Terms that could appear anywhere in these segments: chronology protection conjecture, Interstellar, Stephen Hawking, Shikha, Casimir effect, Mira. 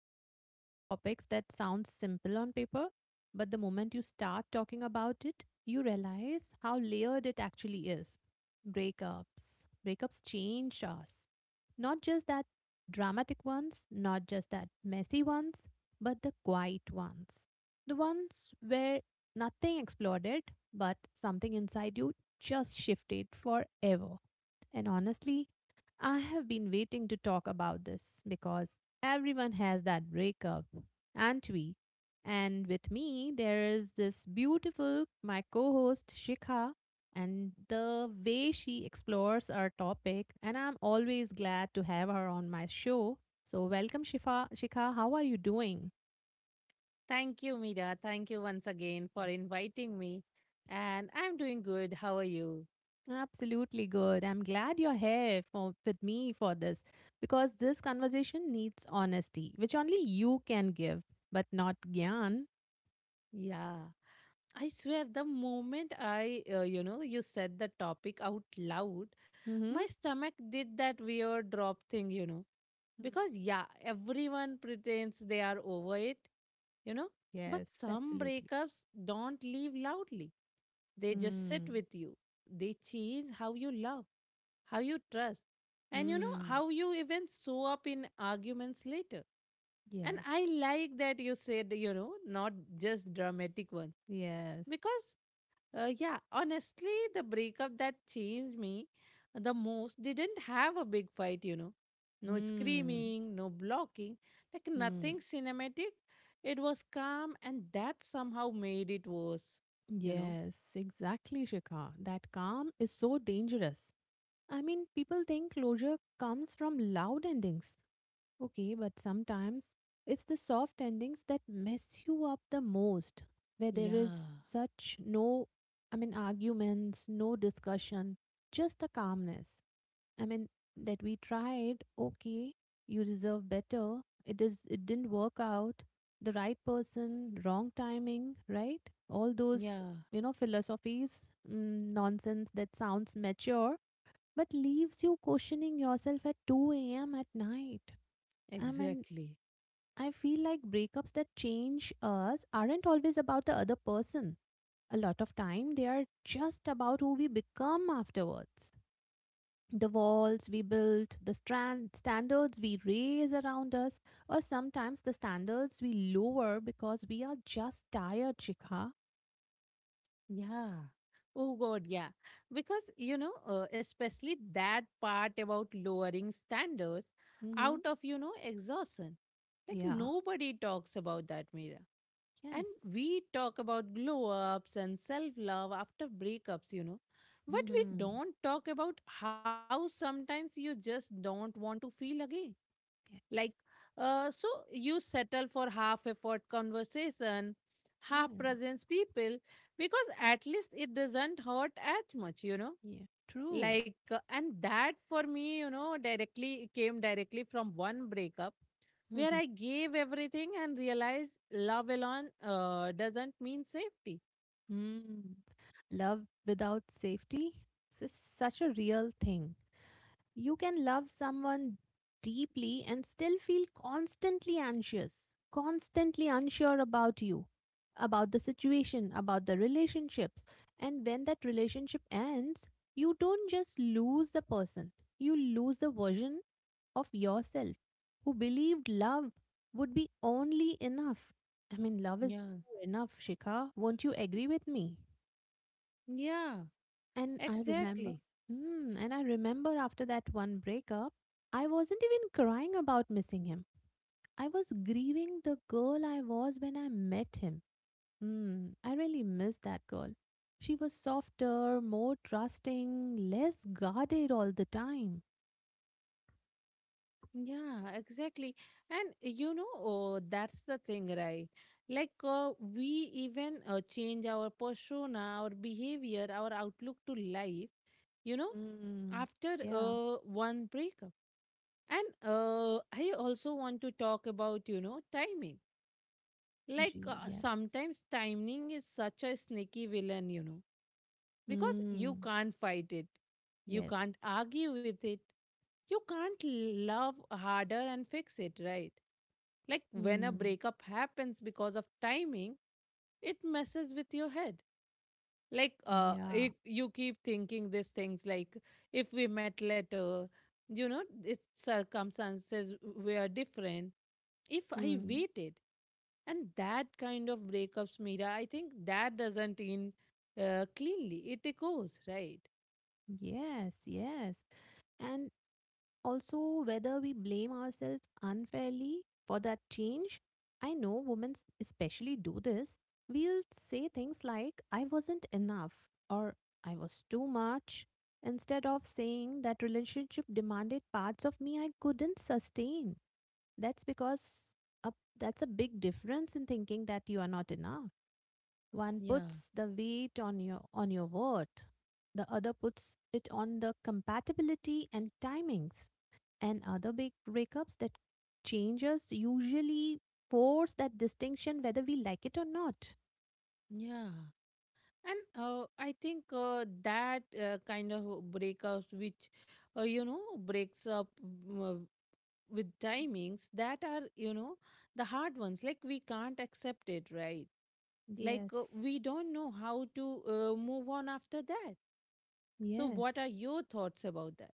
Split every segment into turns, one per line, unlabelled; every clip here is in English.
is one of those topics that sounds simple on paper, but the moment you start talking about it, you realize how layered it actually is. Breakups. Breakups change us. Not just that dramatic ones, not just that messy ones, but the quiet ones. The ones where nothing exploded, but something inside you just shifted forever. And honestly, I have been waiting to talk about this because everyone has that breakup, aren't we? And with me, there is this beautiful, my co host, Shikha, and the way she explores our topic. And I'm always glad to have her on my show. So, welcome, Shifa. Shikha. How are you doing?
Thank you, Mira. Thank you once again for inviting me. And I'm doing good. How are you?
Absolutely good. I'm glad you're here for with me for this because this conversation needs honesty, which only you can give, but not Gyan.
Yeah, I swear, the moment you said the topic out loud, my
Mm-hmm.
stomach did that weird drop thing. Because, yeah, everyone pretends they are over it, you know. But
Yes,
some
absolutely.
breakups don't leave loudly, they just sit
Mm.
with you. They change how you love, how you trust, and you know
Mm.
how you even show up in arguments later. And I
Yes.
like that you said, you know, not just dramatic ones.
Yes.
Because, yeah, honestly, the breakup that changed me the most didn't have a big fight. No
Mm.
screaming, no blocking, like
Mm.
nothing cinematic. It was calm, and that somehow made it worse, you know.
Yes, exactly, Shikha. That calm is so dangerous. I mean, people think closure comes from loud endings. Okay, but sometimes it's the soft endings that mess you up the most, where there is
Yeah,
such no, I mean, arguments, no discussion, just the calmness. I mean, that we tried, okay, you deserve better. It is, it didn't work out. The right person, wrong timing, right? All those,
yeah,
philosophies, nonsense that sounds mature, but leaves you questioning yourself at 2 a.m. at night. I mean,
exactly.
I feel like breakups that change us aren't always about the other person. A lot of time, they are just about who we become afterwards. The walls we built, the strand standards we raise around us, or sometimes the standards we lower because we are just tired, Shikha.
Yeah. Oh God, yeah. Because, especially that part about lowering standards
Mm-hmm.
out of exhaustion. Like
Yeah.
nobody talks about that, Mira. And
Yes.
we talk about glow ups and self love after breakups. But we
Mm-hmm.
don't talk about how sometimes you just don't want to feel again like,
Yes.
so you settle for half effort conversation, half
Yeah.
presence people, because at least it doesn't hurt as much.
Yeah. True.
Like, and that for me, directly came directly from one breakup where
Mm-hmm.
I gave everything and realized love alone doesn't mean safety.
Hmm. Love without safety is such a real thing. You can love someone deeply and still feel constantly anxious, constantly unsure about you, about the situation, about the relationships. And when that relationship ends, you don't just lose the person, you lose the version of yourself who believed love would be only enough. I mean, love is
Yeah.
never enough, Shikha. Won't you agree with me?
Yeah,
And I remember,
exactly.
and I remember after that one breakup, I wasn't even crying about missing him. I was grieving the girl I was when I met him. Mm, I really miss that girl. She was softer, more trusting, less guarded all the time.
Yeah, exactly. And that's the thing, right? Like, we even change our persona, our behavior, our outlook to life, you know,
Mm,
after
yeah,
one breakup. And I also want to talk about, you know, timing. Like,
gee, yes.
sometimes timing is such a sneaky villain, you know, because you
Mm,
can't fight it, you
yes.
can't argue with it, you can't love harder and fix it, right? Like when a
Mm,
breakup happens because of timing, it messes with your head like
yeah.
you keep thinking these things like, if we met later, you know, its circumstances were different, if I
Mm,
waited, and that kind of breakups, Mira, I think that doesn't end cleanly, it echoes, right?
yes, yes. And also, whether we blame ourselves unfairly for that change, I know women especially do this. We'll say things like, I wasn't enough, or I was too much, instead of saying that relationship demanded parts of me I couldn't sustain. That's because a, that's a big difference in thinking that you are not enough. One
Yeah,
puts the weight on your worth. The other puts it on the compatibility and timings. And other big breakups that changes usually force that distinction whether we like it or not.
yeah. And I think that kind of breakups which, you know, breaks up mm, with timings that are, you know, the hard ones, like we can't accept it, right? Like,
Yes.
we don't know how to move on after that. So what
Yes.
are your thoughts about that?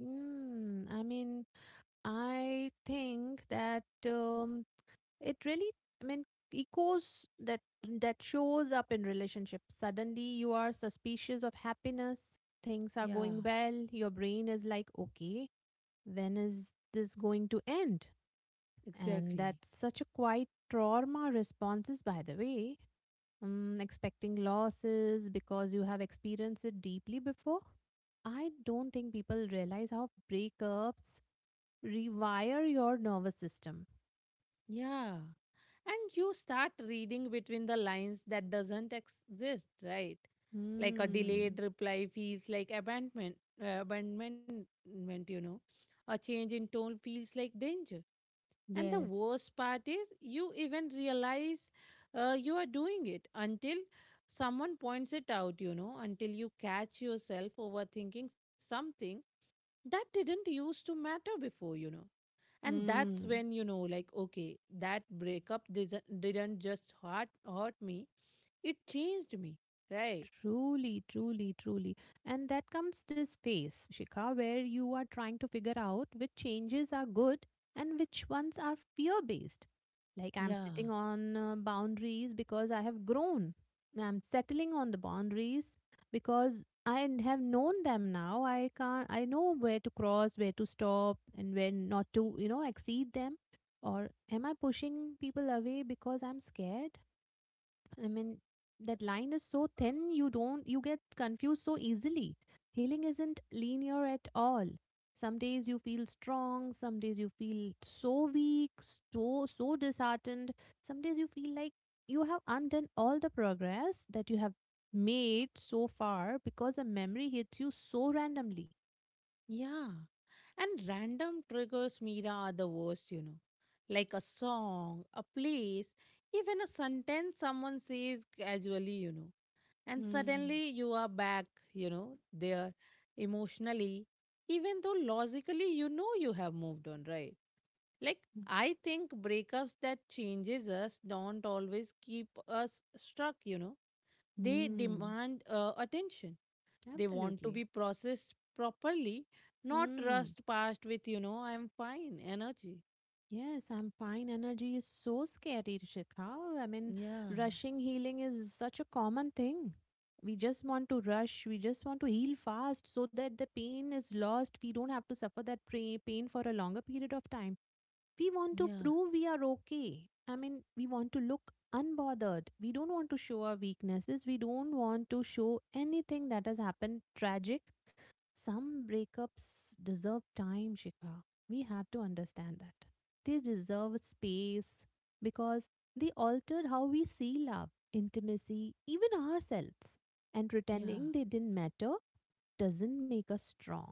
Mm, I mean, I think that it really, I mean, echoes that, that shows up in relationships. Suddenly you are suspicious of happiness. Things are
Yeah,
going well, your brain is like, okay, when is this going to end? And
exactly.
that's such a quiet trauma responses, by the way. Mm, expecting losses because you have experienced it deeply before. I don't think people realize how breakups rewire your nervous system.
Yeah, and you start reading between the lines that doesn't exist, right? Like a
Mm,
delayed reply feels like abandonment, you know, a change in tone feels like danger. And the
yes.
worst part is, you even realize you are doing it until someone points it out, you know, until you catch yourself overthinking something that didn't used to matter before, you know. And that's
Hmm.
when you know, like, okay, that breakup didn't just hurt me, it changed me, right?
Truly, truly, truly. And that comes this phase, Shikha, where you are trying to figure out which changes are good and which ones are fear based. Like, I'm
Yeah,
sitting on boundaries because I have grown. I'm settling on the boundaries because I have known them now. I can't, I know where to cross, where to stop, and where not to, you know, exceed them. Or am I pushing people away because I'm scared? I mean, that line is so thin, you don't, you get confused so easily. Healing isn't linear at all. Some days you feel strong, some days you feel so weak, so, so disheartened. Some days you feel like you have undone all the progress that you have made so far because a memory hits you so randomly.
yeah. And random triggers, Mira, are the worst, you know. Like a song, a place, even a sentence someone says casually, you know. And
Hmm.
suddenly you are back, you know, there emotionally, even though logically you know you have moved on, right? Like, I think breakups that changes us don't always keep us stuck, you know. They
Hmm.
demand attention, they want to
Absolutely.
be processed properly, not
Hmm.
rushed past with, you know, I'm fine energy.
Yes, I'm fine. Energy is so scary, Shikha. I mean,
Yeah,
rushing healing is such a common thing. We just want to rush. We just want to heal fast so that the pain is lost. We don't have to suffer that pain for a longer period of time. We want to
yeah,
prove we are okay. I mean, we want to look unbothered. We don't want to show our weaknesses. We don't want to show anything that has happened tragic. Some breakups deserve time, Shikha. We have to understand that. They deserve space because they altered how we see love, intimacy, even ourselves. And
yeah,
pretending they didn't matter doesn't make us strong.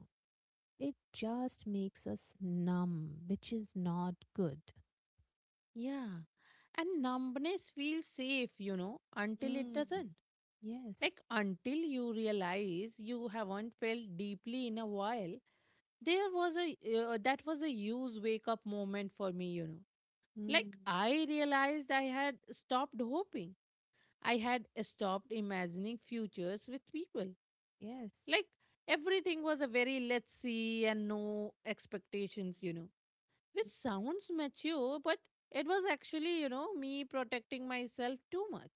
It just makes us numb, which is not good.
yeah. And numbness feels safe, you know, until it
Mm.
doesn't.
Yes.
Like, until you realize you haven't felt deeply in a while, there was a that was a huge wake up moment for me, you know. Like,
Mm.
I realized I had stopped hoping. I had stopped imagining futures with people.
Yes.
Like everything was a very let's see and no expectations, you know, which sounds mature, but it was actually, you know, me protecting myself too much.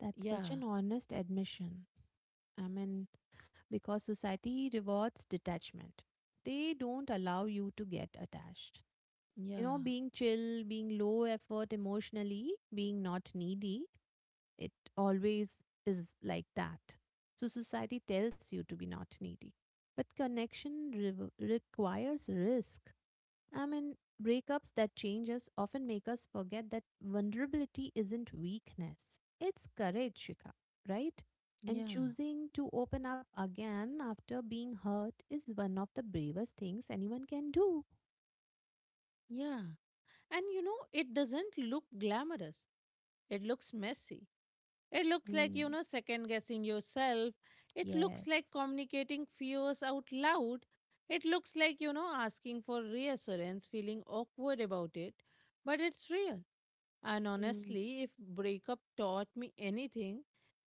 That's
Yeah,
such an honest admission. I mean, because society rewards detachment. They don't allow you to get attached. You know,
yeah,
being chill, being low effort emotionally, being not needy, it always is like that. So society tells you to be not needy. But connection rev requires risk. I mean, breakups that change us often make us forget that vulnerability isn't weakness, it's courage, Shika, right? And
yeah,
choosing to open up again after being hurt is one of the bravest things anyone can do.
yeah. And you know, it doesn't look glamorous, it looks messy. It looks like, you
Mm,
know, second guessing yourself. It looks like
yes.
communicating fears out loud. It looks like, you know, asking for reassurance, feeling awkward about it. But it's real. And
Mm,
honestly, if breakup taught me anything,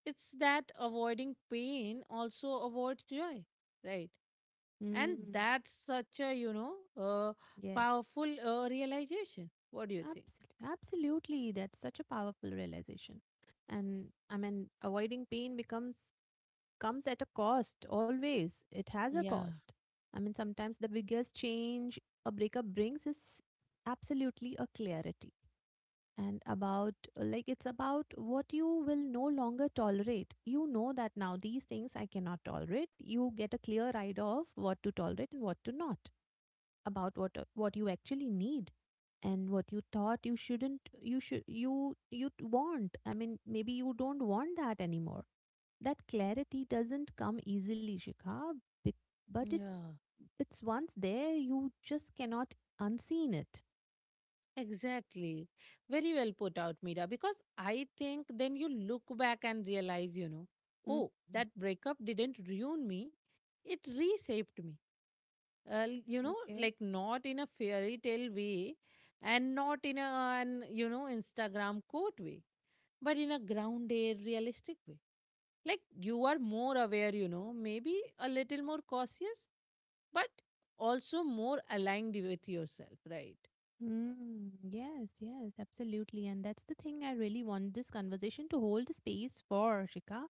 it's that avoiding pain also avoids joy, right? And
mm,
that's such a, you know, uh,
yes.
powerful realization. What do you think?
Absolutely. Absolutely. That's such a powerful realization. And I mean, avoiding pain becomes comes at a cost always, it has a
Yeah,
cost. I mean, sometimes the biggest change a breakup brings is absolutely a clarity. And about, like, it's about what you will no longer tolerate, you know, that now these things I cannot tolerate. You get a clear idea of what to tolerate and what to not, about what you actually need, and what you thought you shouldn't, you should, you want. I mean, maybe you don't want that anymore. That clarity doesn't come easily, Shikha, bec- but it
yeah,
it's once there, you just cannot unseen it.
exactly. Very well put out, Mira, because I think then you look back and realize, you know,
Mm.
oh, that breakup didn't ruin me, it reshaped me. uh, you know,
Okay.
like not in a fairy tale way, and not in a an, you know, Instagram quote way, but in a grounded realistic way. Like, you are more aware, you know, maybe a little more cautious, but also more aligned with yourself, right?
Mm, yes, yes, absolutely. And that's the thing I really want this conversation to hold space for, Shika.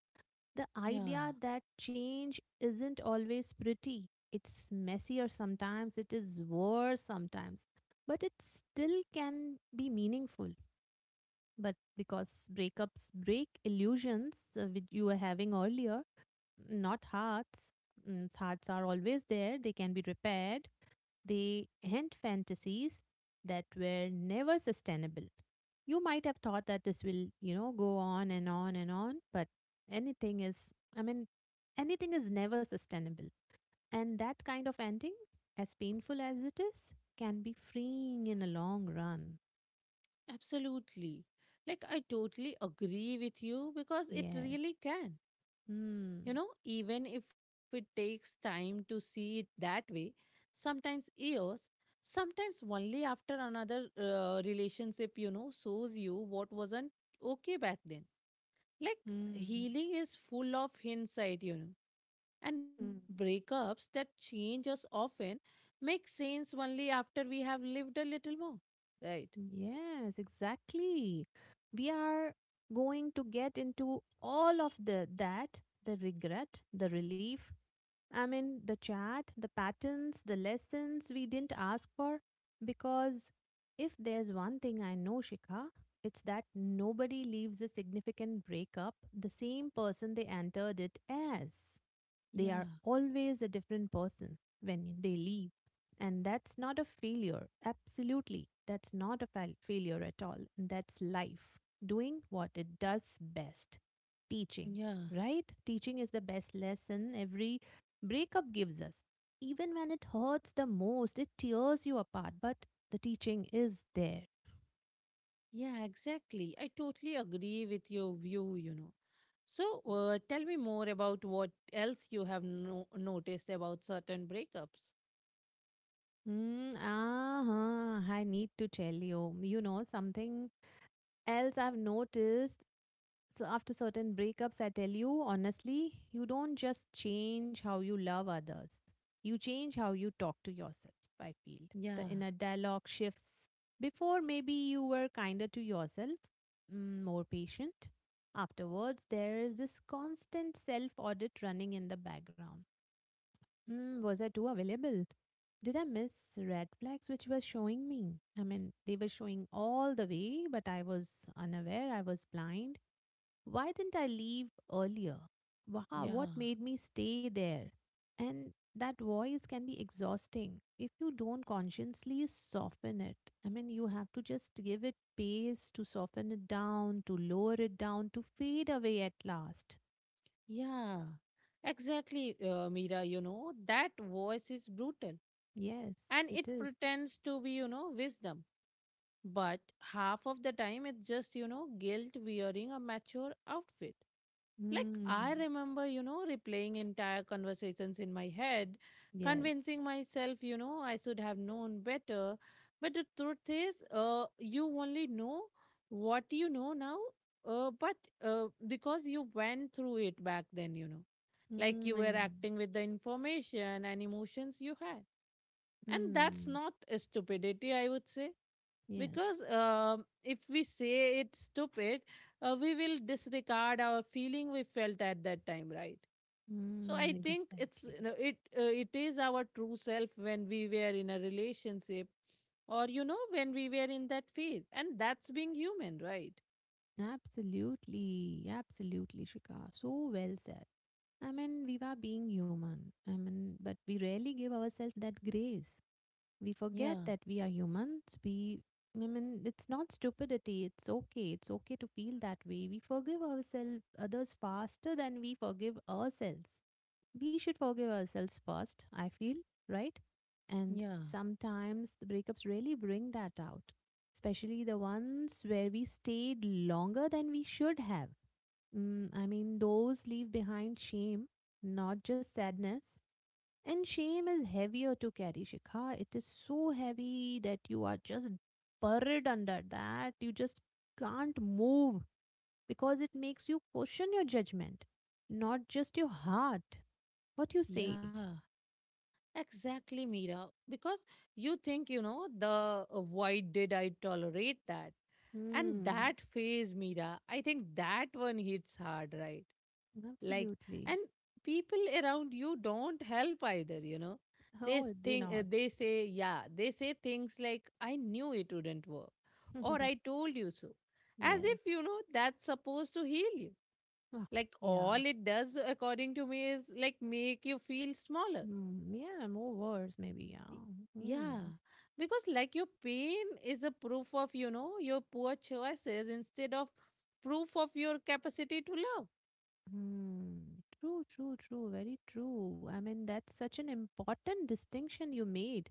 The
Yeah,
idea that change isn't always pretty. It's messier sometimes, it is worse sometimes, but it still can be meaningful. But because breakups break illusions, which you were having earlier, not hearts. Mm, hearts are always there, they can be repaired. They hint fantasies that were never sustainable. You might have thought that this will, you know, go on and on and on, but anything is, I mean, anything is never sustainable. And that kind of ending, as painful as it is, can be freeing in a long run.
absolutely. Like I totally agree with you because it
Yes.
really can. You
Hmm.
know, even if it takes time to see it that way, sometimes years, sometimes only after another relationship, you know, shows you what wasn't okay back then. Like,
Hmm.
healing is full of hindsight, you know, and
Mm,
breakups that change us often make sense only after we have lived a little more. Right.
yes, exactly. We are going to get into all of the that, the regret, the relief, I mean, the chat, the patterns, the lessons we didn't ask for. Because if there's one thing I know, Shikha, it's that nobody leaves a significant breakup the same person they entered it as. They are
Yeah.
always a different person when they leave. And that's not a failure. Absolutely. That's not a failure at all. That's life doing what it does best, teaching,
Yeah.
right? Teaching is the best lesson every breakup gives us. Even when it hurts the most, it tears you apart, but the teaching is there.
Yeah, exactly. I totally agree with your view, you know. So, tell me more about what else you have noticed about certain breakups.
Mm, I need to tell you, you know, something else I've noticed. So after certain breakups, I tell you honestly, you don't just change how you love others, you change how you talk to yourself, I feel. The
Yeah,
inner dialogue shifts. Before, maybe you were kinder to yourself, mm, more patient. Afterwards, there is this constant self audit running in the background. Mm, was I too available? Did I miss red flags which were showing me? I mean, they were showing all the way, but I was unaware, I was blind. Why didn't I leave earlier? Wow, what
yeah,
made me stay there? And that voice can be exhausting if you don't consciously soften it. I mean, you have to just give it space to soften it down, to lower it down, to fade away at last.
yeah. Exactly, Mira, you know, that voice is brutal
Yes,
and it
it is.
pretends to be, you know, wisdom. But half of the time, it's just, you know, guilt wearing a mature outfit. Like, I
Mm,
remember, you know, replaying entire conversations in my head,
yes.
convincing myself, you know, I should have known better. But the truth is, you only know what you know now, but because you went through it back then, you know, like
Mm,
you were acting with the information and emotions you had. And that's
mm,
not a stupidity, I would say, because
yes.
if we say it's stupid, we will disregard our feeling we felt at that time, right? So
Mm,
I think it's,
exactly.
you know, it is our true self when we were in a relationship, or you know, when we were in that phase, and that's being human, right?
Absolutely, absolutely, Shika. So well said. I mean, we are being human. I mean, but we rarely give ourselves that grace. We forget
yeah
that we are humans. We, I mean, it's not stupidity. It's okay. It's okay to feel that way. We forgive ourselves, others faster than we forgive ourselves. We should forgive ourselves first, I feel, right? And
yeah
sometimes the breakups really bring that out, especially the ones where we stayed longer than we should have. Mm, I mean, those leave behind shame, not just sadness. And shame is heavier to carry, Shikha. It is so heavy that you are just buried under that. You just can't move because it makes you question your judgment, not just your heart. What you say?
yeah exactly, Mira, because you think you know the why did I tolerate that, and
Mm,
that phase, Mira, I think that one hits hard, right? like
absolutely.
and people around you don't help either, you know. They
Oh, they
think,
not.
they say, yeah, they say things like, I knew it wouldn't work, or I told you so, as if, you
Yes.
know, that's supposed to heal you.
Oh,
Like,
yeah.
all it does, according to me, is like make you feel smaller.
Mm, yeah, more words maybe. Yeah.
Y- yeah,
Mm,
because like your pain is a proof of, you know, your poor choices instead of proof of your capacity to love.
mm. True, true, true. Very true. I mean, that's such an important distinction you made.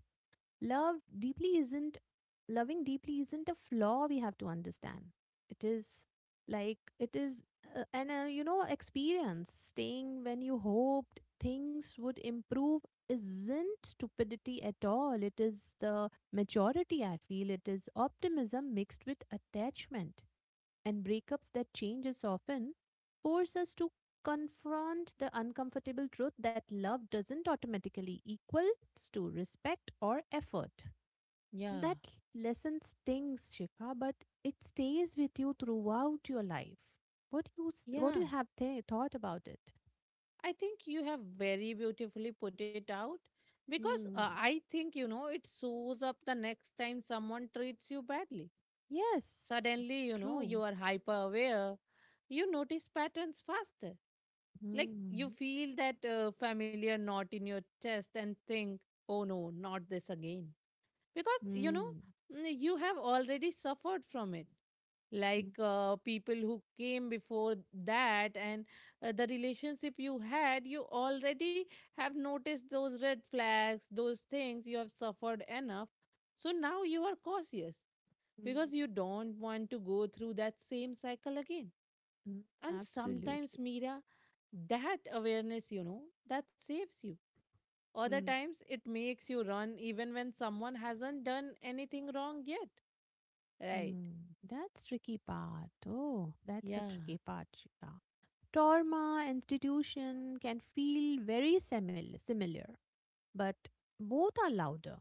Love deeply isn't Loving deeply isn't a flaw we have to understand. It is like it is uh, an experience. Staying when you hoped things would improve isn't stupidity at all. It is the maturity, I feel. It is optimism mixed with attachment. And breakups that change us often force us to confront the uncomfortable truth that love doesn't automatically equal to respect or effort.
yeah
That lesson stings, Shifa, but it stays with you throughout your life. What you
yeah
have thought about it?
I think you have very beautifully put it out. Because
Hmm.
I think, you know, it shows up the next time someone treats you badly.
Yes,
Suddenly, you know, you
true.
are hyper aware. You notice patterns faster. Like you
Hmm.
feel that familiar knot in your chest and think, oh no, not this again, because you know,
Hmm.
you have already suffered from it.
Hmm.
Like, people who came before that, and the relationship you had, you already have noticed those red flags, those things you have suffered enough. So now you are cautious
Hmm.
because you don't want to go through that same cycle again.
Hmm.
And sometimes,
Absolutely.
Mira, that awareness, you know, that saves you. Other
Hmm.
times, it makes you run even when someone hasn't done anything wrong yet. Right.
Hmm, that's tricky part. Oh, that's a
Yeah.
tricky part, Shika. Trauma institution can feel very similar, but both are louder.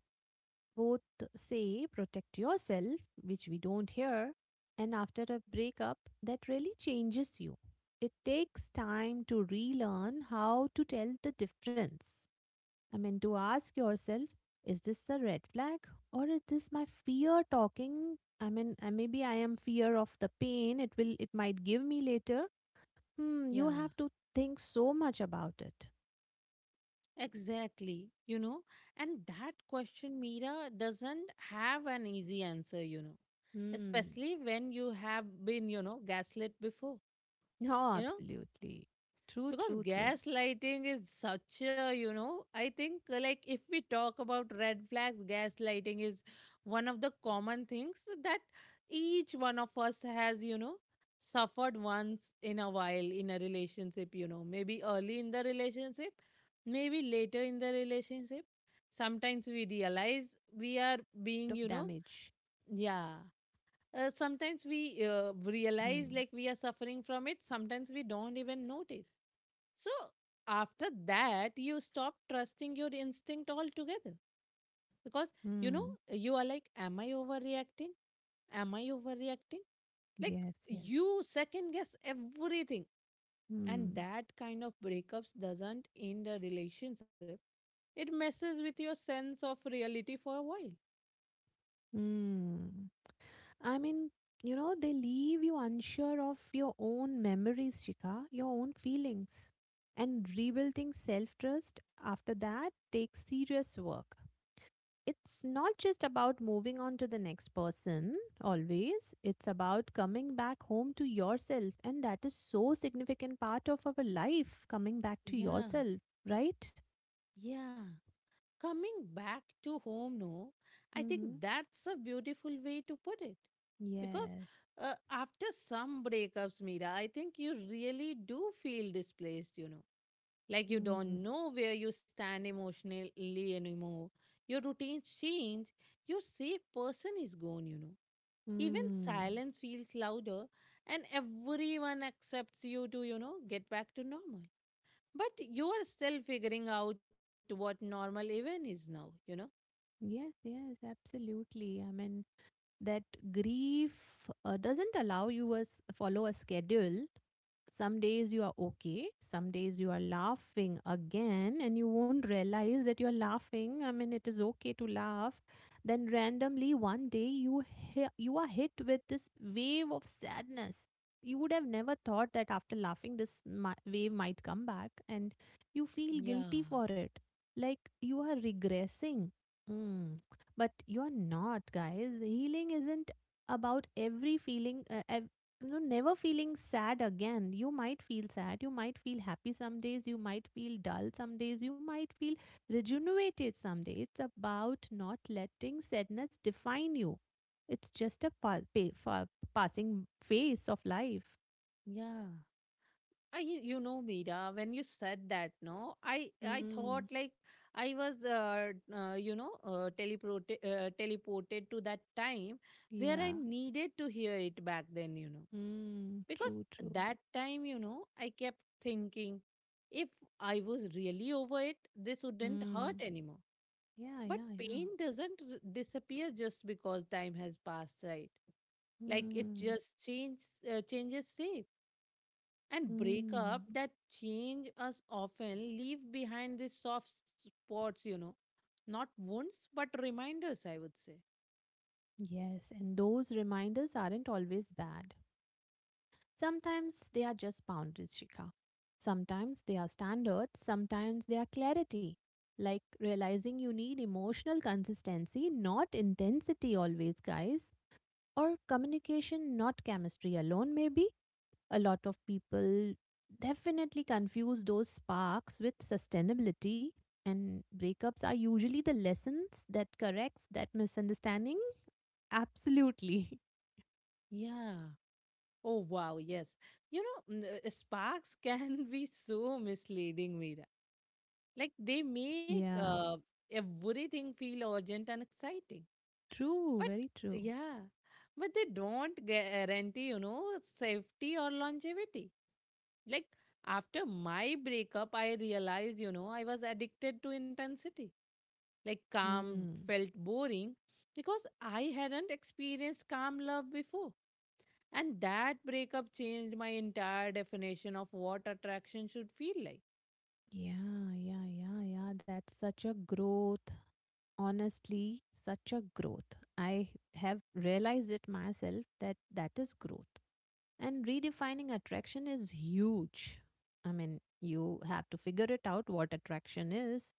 Both say protect yourself, which we don't hear, and after a breakup that really changes you. It takes time to relearn how to tell the difference. I mean, to ask yourself, is this a red flag or is this my fear talking? I mean, maybe I am fear of the pain it might give me later. Hmm, you have
Yeah.
to think so much about it.
Exactly. You know, and that question, Mira, doesn't have an easy answer, you know,
Hmm.
especially when you have been, you know, gaslit before.
Oh,
You know,
absolutely. True,
because
true, true.
gaslighting is such a, you know, I think, like if we talk about red flags, gaslighting is one of the common things that each one of us has, you know, suffered
Yes,
once in
yes,
a
yes,
while
yes.
in a relationship,
Absolutely.
you know,
I
maybe
mean,
early in the relationship,
gaslighting
maybe
breakups
later
are
in
the
the
different
relationship.
kind of
Sometimes
damage.
we realize we are being, you know, yeah,
Hmm.
sometimes we realize like we are suffering from it, sometimes we don't even notice. So after that, you stop trusting your instinct altogether, because you
Hmm.
know, you are like, am I overreacting? Like
Yes, yes.
you second guess everything, and
Hmm.
that kind of breakups doesn't end a relationship. It messes with your sense of reality for a while.
Hmm. I mean, they leave you unsure of your own memories, Shika, your own feelings. And rebuilding self trust after that takes serious work. It's not just about moving on to the next person, always. It's about coming back home to yourself. And that is so significant part of our life, coming back to
Yeah,
yourself, right?
yeah. Coming back to home. No I think
Mm-hmm.
that's a beautiful way to put it, because
Yes.
after some breakups, Mira, I think you really do feel displaced, you know, like you
Mm.
don't know where you stand emotionally anymore. Your routines change, your safe person is gone, you know, even
Mm.
silence feels louder, and everyone accepts you to, get back to normal, but you are still figuring out what normal even is now, you know.
Yes, yes, absolutely. I mean, that grief doesn't allow you as follow a schedule. Some days you are okay, some days you are laughing again and you won't realize that you're laughing. I mean, it is okay to laugh. Then randomly one day you you are hit with this wave of sadness. You would have never thought that after laughing this wave might come back and you feel
Yeah,
guilty for it, like you are regressing. Mm, but you're not, guys. Healing isn't about every feeling, you never feeling sad again. You might feel sad, you might feel happy some days, you might feel dull some days, you might feel rejuvenated some days. It's about not letting sadness define you. It's just a passing phase of life.
yeah. I, you know, Mira, when you said that, no, I
Mm,
thought like I was, teleported to that time where I
yeah.
needed to hear it back then, you know,
Mm,
because
true, true.
that time, you know, I kept thinking, if I was really over it, this wouldn't hurt
Mm,
anymore.
yeah,
But
yeah, yeah.
pain doesn't disappear just because time has passed, right? Like it
Mm,
just changes shape, and break up
mm.
that change us often leave behind these soft spots, you know, not wounds but reminders, I would say.
Yes, and those reminders aren't always bad. Sometimes they are just boundaries, Shikha. Sometimes they are standards, sometimes they are clarity. Like realizing you need emotional consistency, not intensity always, guys. Or communication, not chemistry alone, maybe. A lot of people definitely confuse those sparks with sustainability, and breakups are usually the lessons that corrects that misunderstanding. Absolutely.
Yeah. Oh wow, yes. You know, sparks can be so misleading, Mira. Like they make
Yeah,
uh, everything feel urgent and exciting,
true,
but
very true.
yeah, but they don't guarantee, you know, safety or longevity. Like, after my breakup, I realized, you know, I was addicted to intensity. Like calm
Hmm.
felt boring because I hadn't experienced calm love before. And that breakup changed my entire definition of what attraction should feel like.
Yeah, yeah, yeah, yeah. That's such a growth. Honestly, such a growth. I have realized it myself that that is growth. And redefining attraction is huge. I mean, you have to figure it out what attraction is.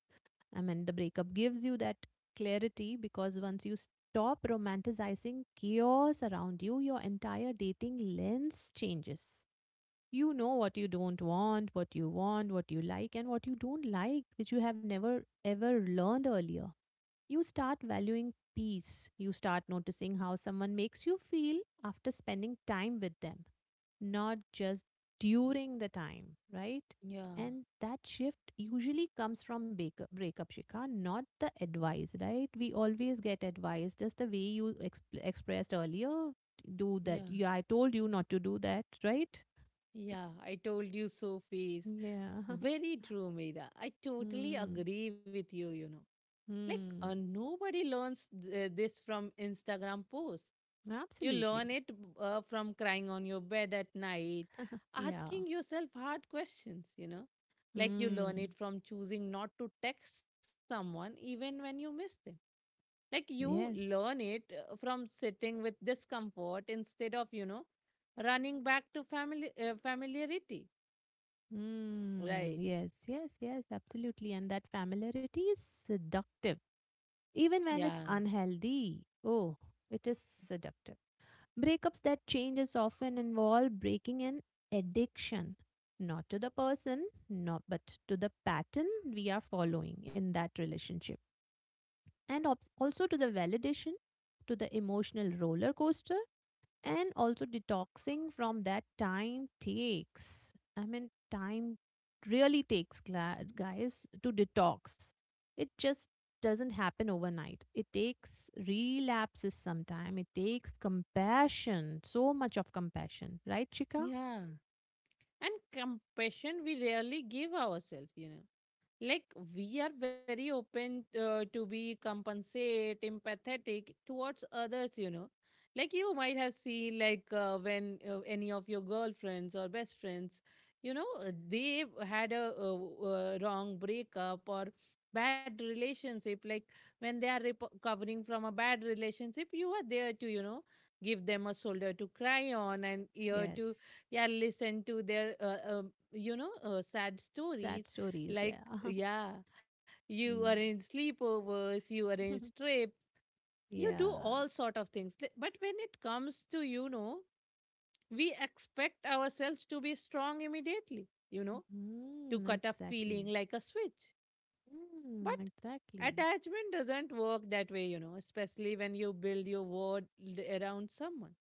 I mean, the breakup gives you that clarity because once you stop romanticizing chaos around you, your entire dating lens changes. You know what you don't want, what you like, and what you don't like, which you have never ever learned earlier. You start valuing peace. You start noticing how someone makes you feel after spending time with them, not just during the time, right?
Yeah,
And that shift usually comes from breakup, Shikha, not the advice, right? We always get advice, just the way you expressed earlier. Do that.
yeah,
Yeah, I told you not to do that, right?
yeah. I told you so, Face.
Yeah.
Very true, Meera. I totally
Mm.
agree with you, you know. Like,
Mm.
nobody learns this from Instagram posts. You
Absolutely.
learn it from crying on your bed at night,
Yeah.
asking yourself hard questions, you know. Like you learn
Mm.
it from choosing not to text someone even when you miss them. Like you learn
Yes.
it from sitting with discomfort instead of, you know, running back to family familiarity.
Mm.
Right.
Yes, yes, yes, absolutely. And that familiarity is seductive, even when
Yeah.
it's unhealthy. Oh, it is seductive. Breakups that changes often involve breaking an addiction, not to the person, not but to the pattern we are following in that relationship, and also to the validation to the emotional roller coaster. And also detoxing from that time takes, I mean, time really takes, guys, to detox. It just doesn't happen overnight. It takes relapses sometime, it takes compassion, so much of compassion, right, Chika?
Yeah. And compassion we rarely give ourselves, you know, like we are very open to be compensate empathetic towards others, you know, like you might have seen, like when any of your girlfriends or best friends, you know, they had a, wrong breakup or bad relationship, like when they are recovering from a bad relationship, you are there to, you know, give them a shoulder to cry on and ear to,
Yes,
yeah, listen to their sad
sad
stories.
stories, yeah.
Like, yeah, you
Mm.
arrange sleepovers, you arrange trips, you do
Yeah.
all sort of things. But when it comes to, you know, we expect ourselves to be strong immediately, you know, to
Mm,
cut a feeling
exactly.
like a switch. But
Mm, exactly.
attachment doesn't work that way, you know, especially when you build your world around someone.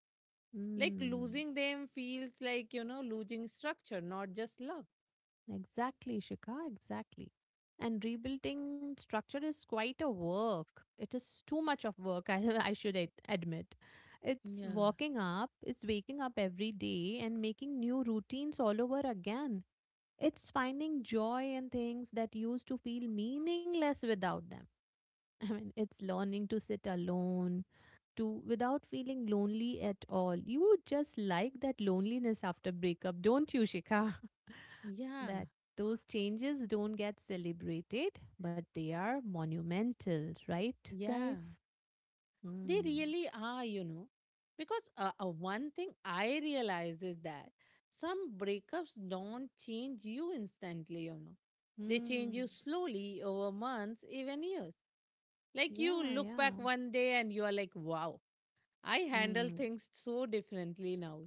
Like
Mm.
losing them feels like, you know, losing structure, not just love.
Exactly, Shikha, exactly. And rebuilding structure is quite a work. It is too much of work, I, I should admit. It's
Yeah.
waking up, it's waking up every day and making new routines all over again. It's finding joy in things that used to feel meaningless without them. I mean, it's learning to sit alone, to without feeling lonely at all. You just like that loneliness after breakup, don't you, Shikha?
Yeah.
That Those changes don't get celebrated, but they are monumental, right,
Yeah.
guys?
They
Mm.
really are, you know. Because one thing I realize is that some breakups don't change you instantly, you know. They change you
Mm.
slowly over months, even years. Like you
Yeah,
look
yeah.
back one day and you are like, wow, I handle
Mm.
things so differently now.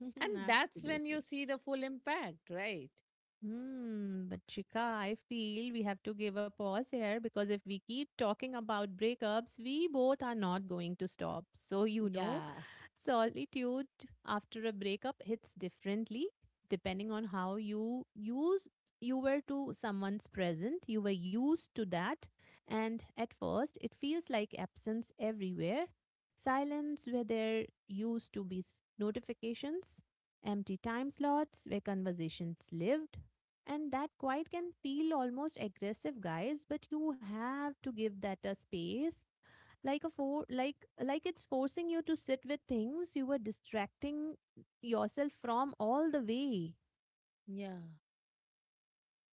And that's when you
Absolutely.
see the full impact, right?
Hmm, but Chika, I feel we have to give a pause here because if we keep talking about breakups, we both are not going to stop. So,
Yeah,
Solitude after a breakup hits differently depending on how you were to someone's present, you were used to that, and at first it feels like absence everywhere. Silence where there used to be notifications, empty time slots where conversations lived, and that quiet can feel almost aggressive, guys, but you have to give that a space, like a for like like it's forcing you to sit with things you were distracting yourself from all the way.
yeah.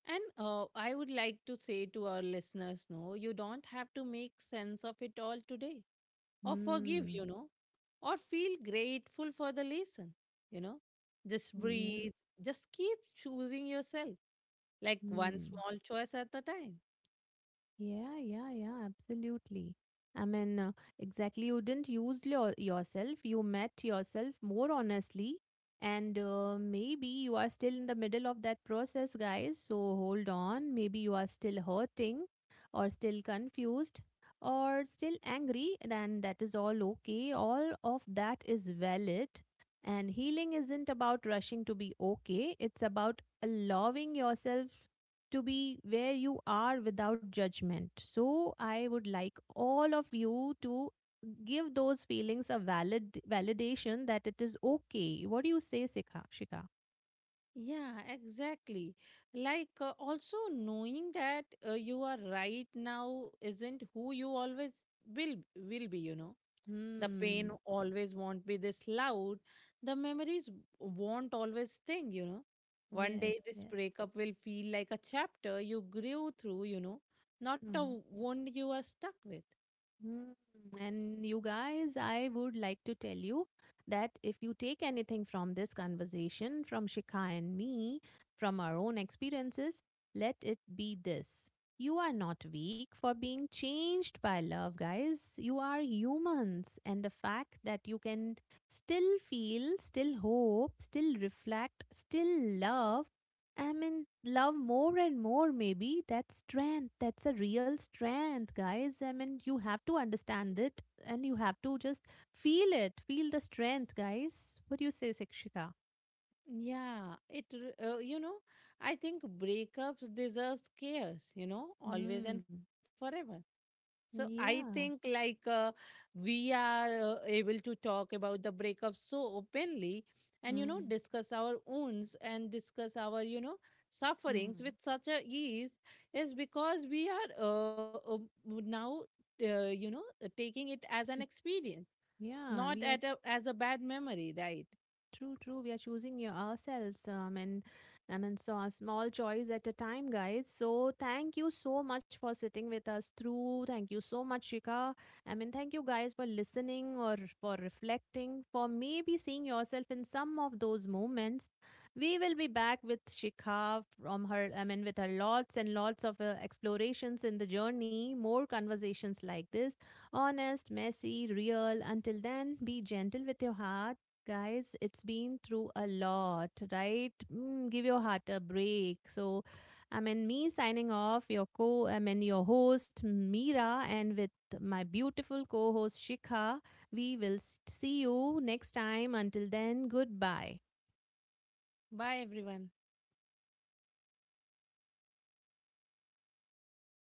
And I would like to say to our listeners, no, you don't have to make sense of it all today, or forgive, you
Hmm.
know, or feel grateful for the lesson, you know. Just
Yeah.
breathe, just keep choosing yourself, like one
Hmm.
small choice at a time.
Yeah, yeah, yeah, absolutely. I mean, exactly. You didn't use yourself. You met yourself more honestly. And maybe you are still in the middle of that process, guys. So hold on. Maybe you are still hurting or still confused or still angry. Then that is all okay. All of that is valid. And healing isn't about rushing to be okay, it's about allowing yourself to be where you are without judgment. So I would like all of you to give those feelings a validation that it is okay. What do you say, Sikha? Shika?
Yeah, exactly. Like also knowing that you are right now isn't who you always will be, you know. The pain
Hmm.
always won't be this loud. The memories won't always sting, you know. One
Yes,
day this
yes.
breakup will feel like a chapter you grew through, you know, not a wound you are stuck with.
Mm. And you guys, I would like to tell you that if you take anything from this conversation, from Shikha and me, from our own experiences, let it be this. You are not weak for being changed by love, guys. You are humans. And the fact that you can still feel, still hope, still reflect, still love, I mean, love more and more, maybe. That's strength. That's a real strength, guys. I mean, you have to understand it and you have to just feel it. Feel the strength, guys. What do you say, Sikshika?
Yeah, it, you know, I think breakups deserves cares, you know, always and
Hmm.
forever. So I think,
Yeah.
like, we are able to talk about the breakup so openly, and you know,
Hmm.
discuss our wounds and discuss our, you know, sufferings with
Hmm.
such a ease, is because we are now, taking it as an
Sh-
experience, not
Yeah. We
at
are
a, as a bad memory, right?
True, true. We are choosing your ourselves, and I mean, so a small choice at a time, guys. So thank you so much for sitting with us through. Thank you so much, Shika. I mean, thank you guys for listening or for reflecting, for maybe seeing yourself in some of those moments. We will be back with Shika from her, I mean, with her lots and lots of explorations in the journey, more conversations like this, honest, messy, real. Until then, be gentle with your heart. Guys, it's been through a lot, right? Mm, give your heart a break. So, I mean, me signing off, your I mean, your host, Meera, and with my beautiful co host, Shikha, we will see you next time. Until then, goodbye.
Bye everyone.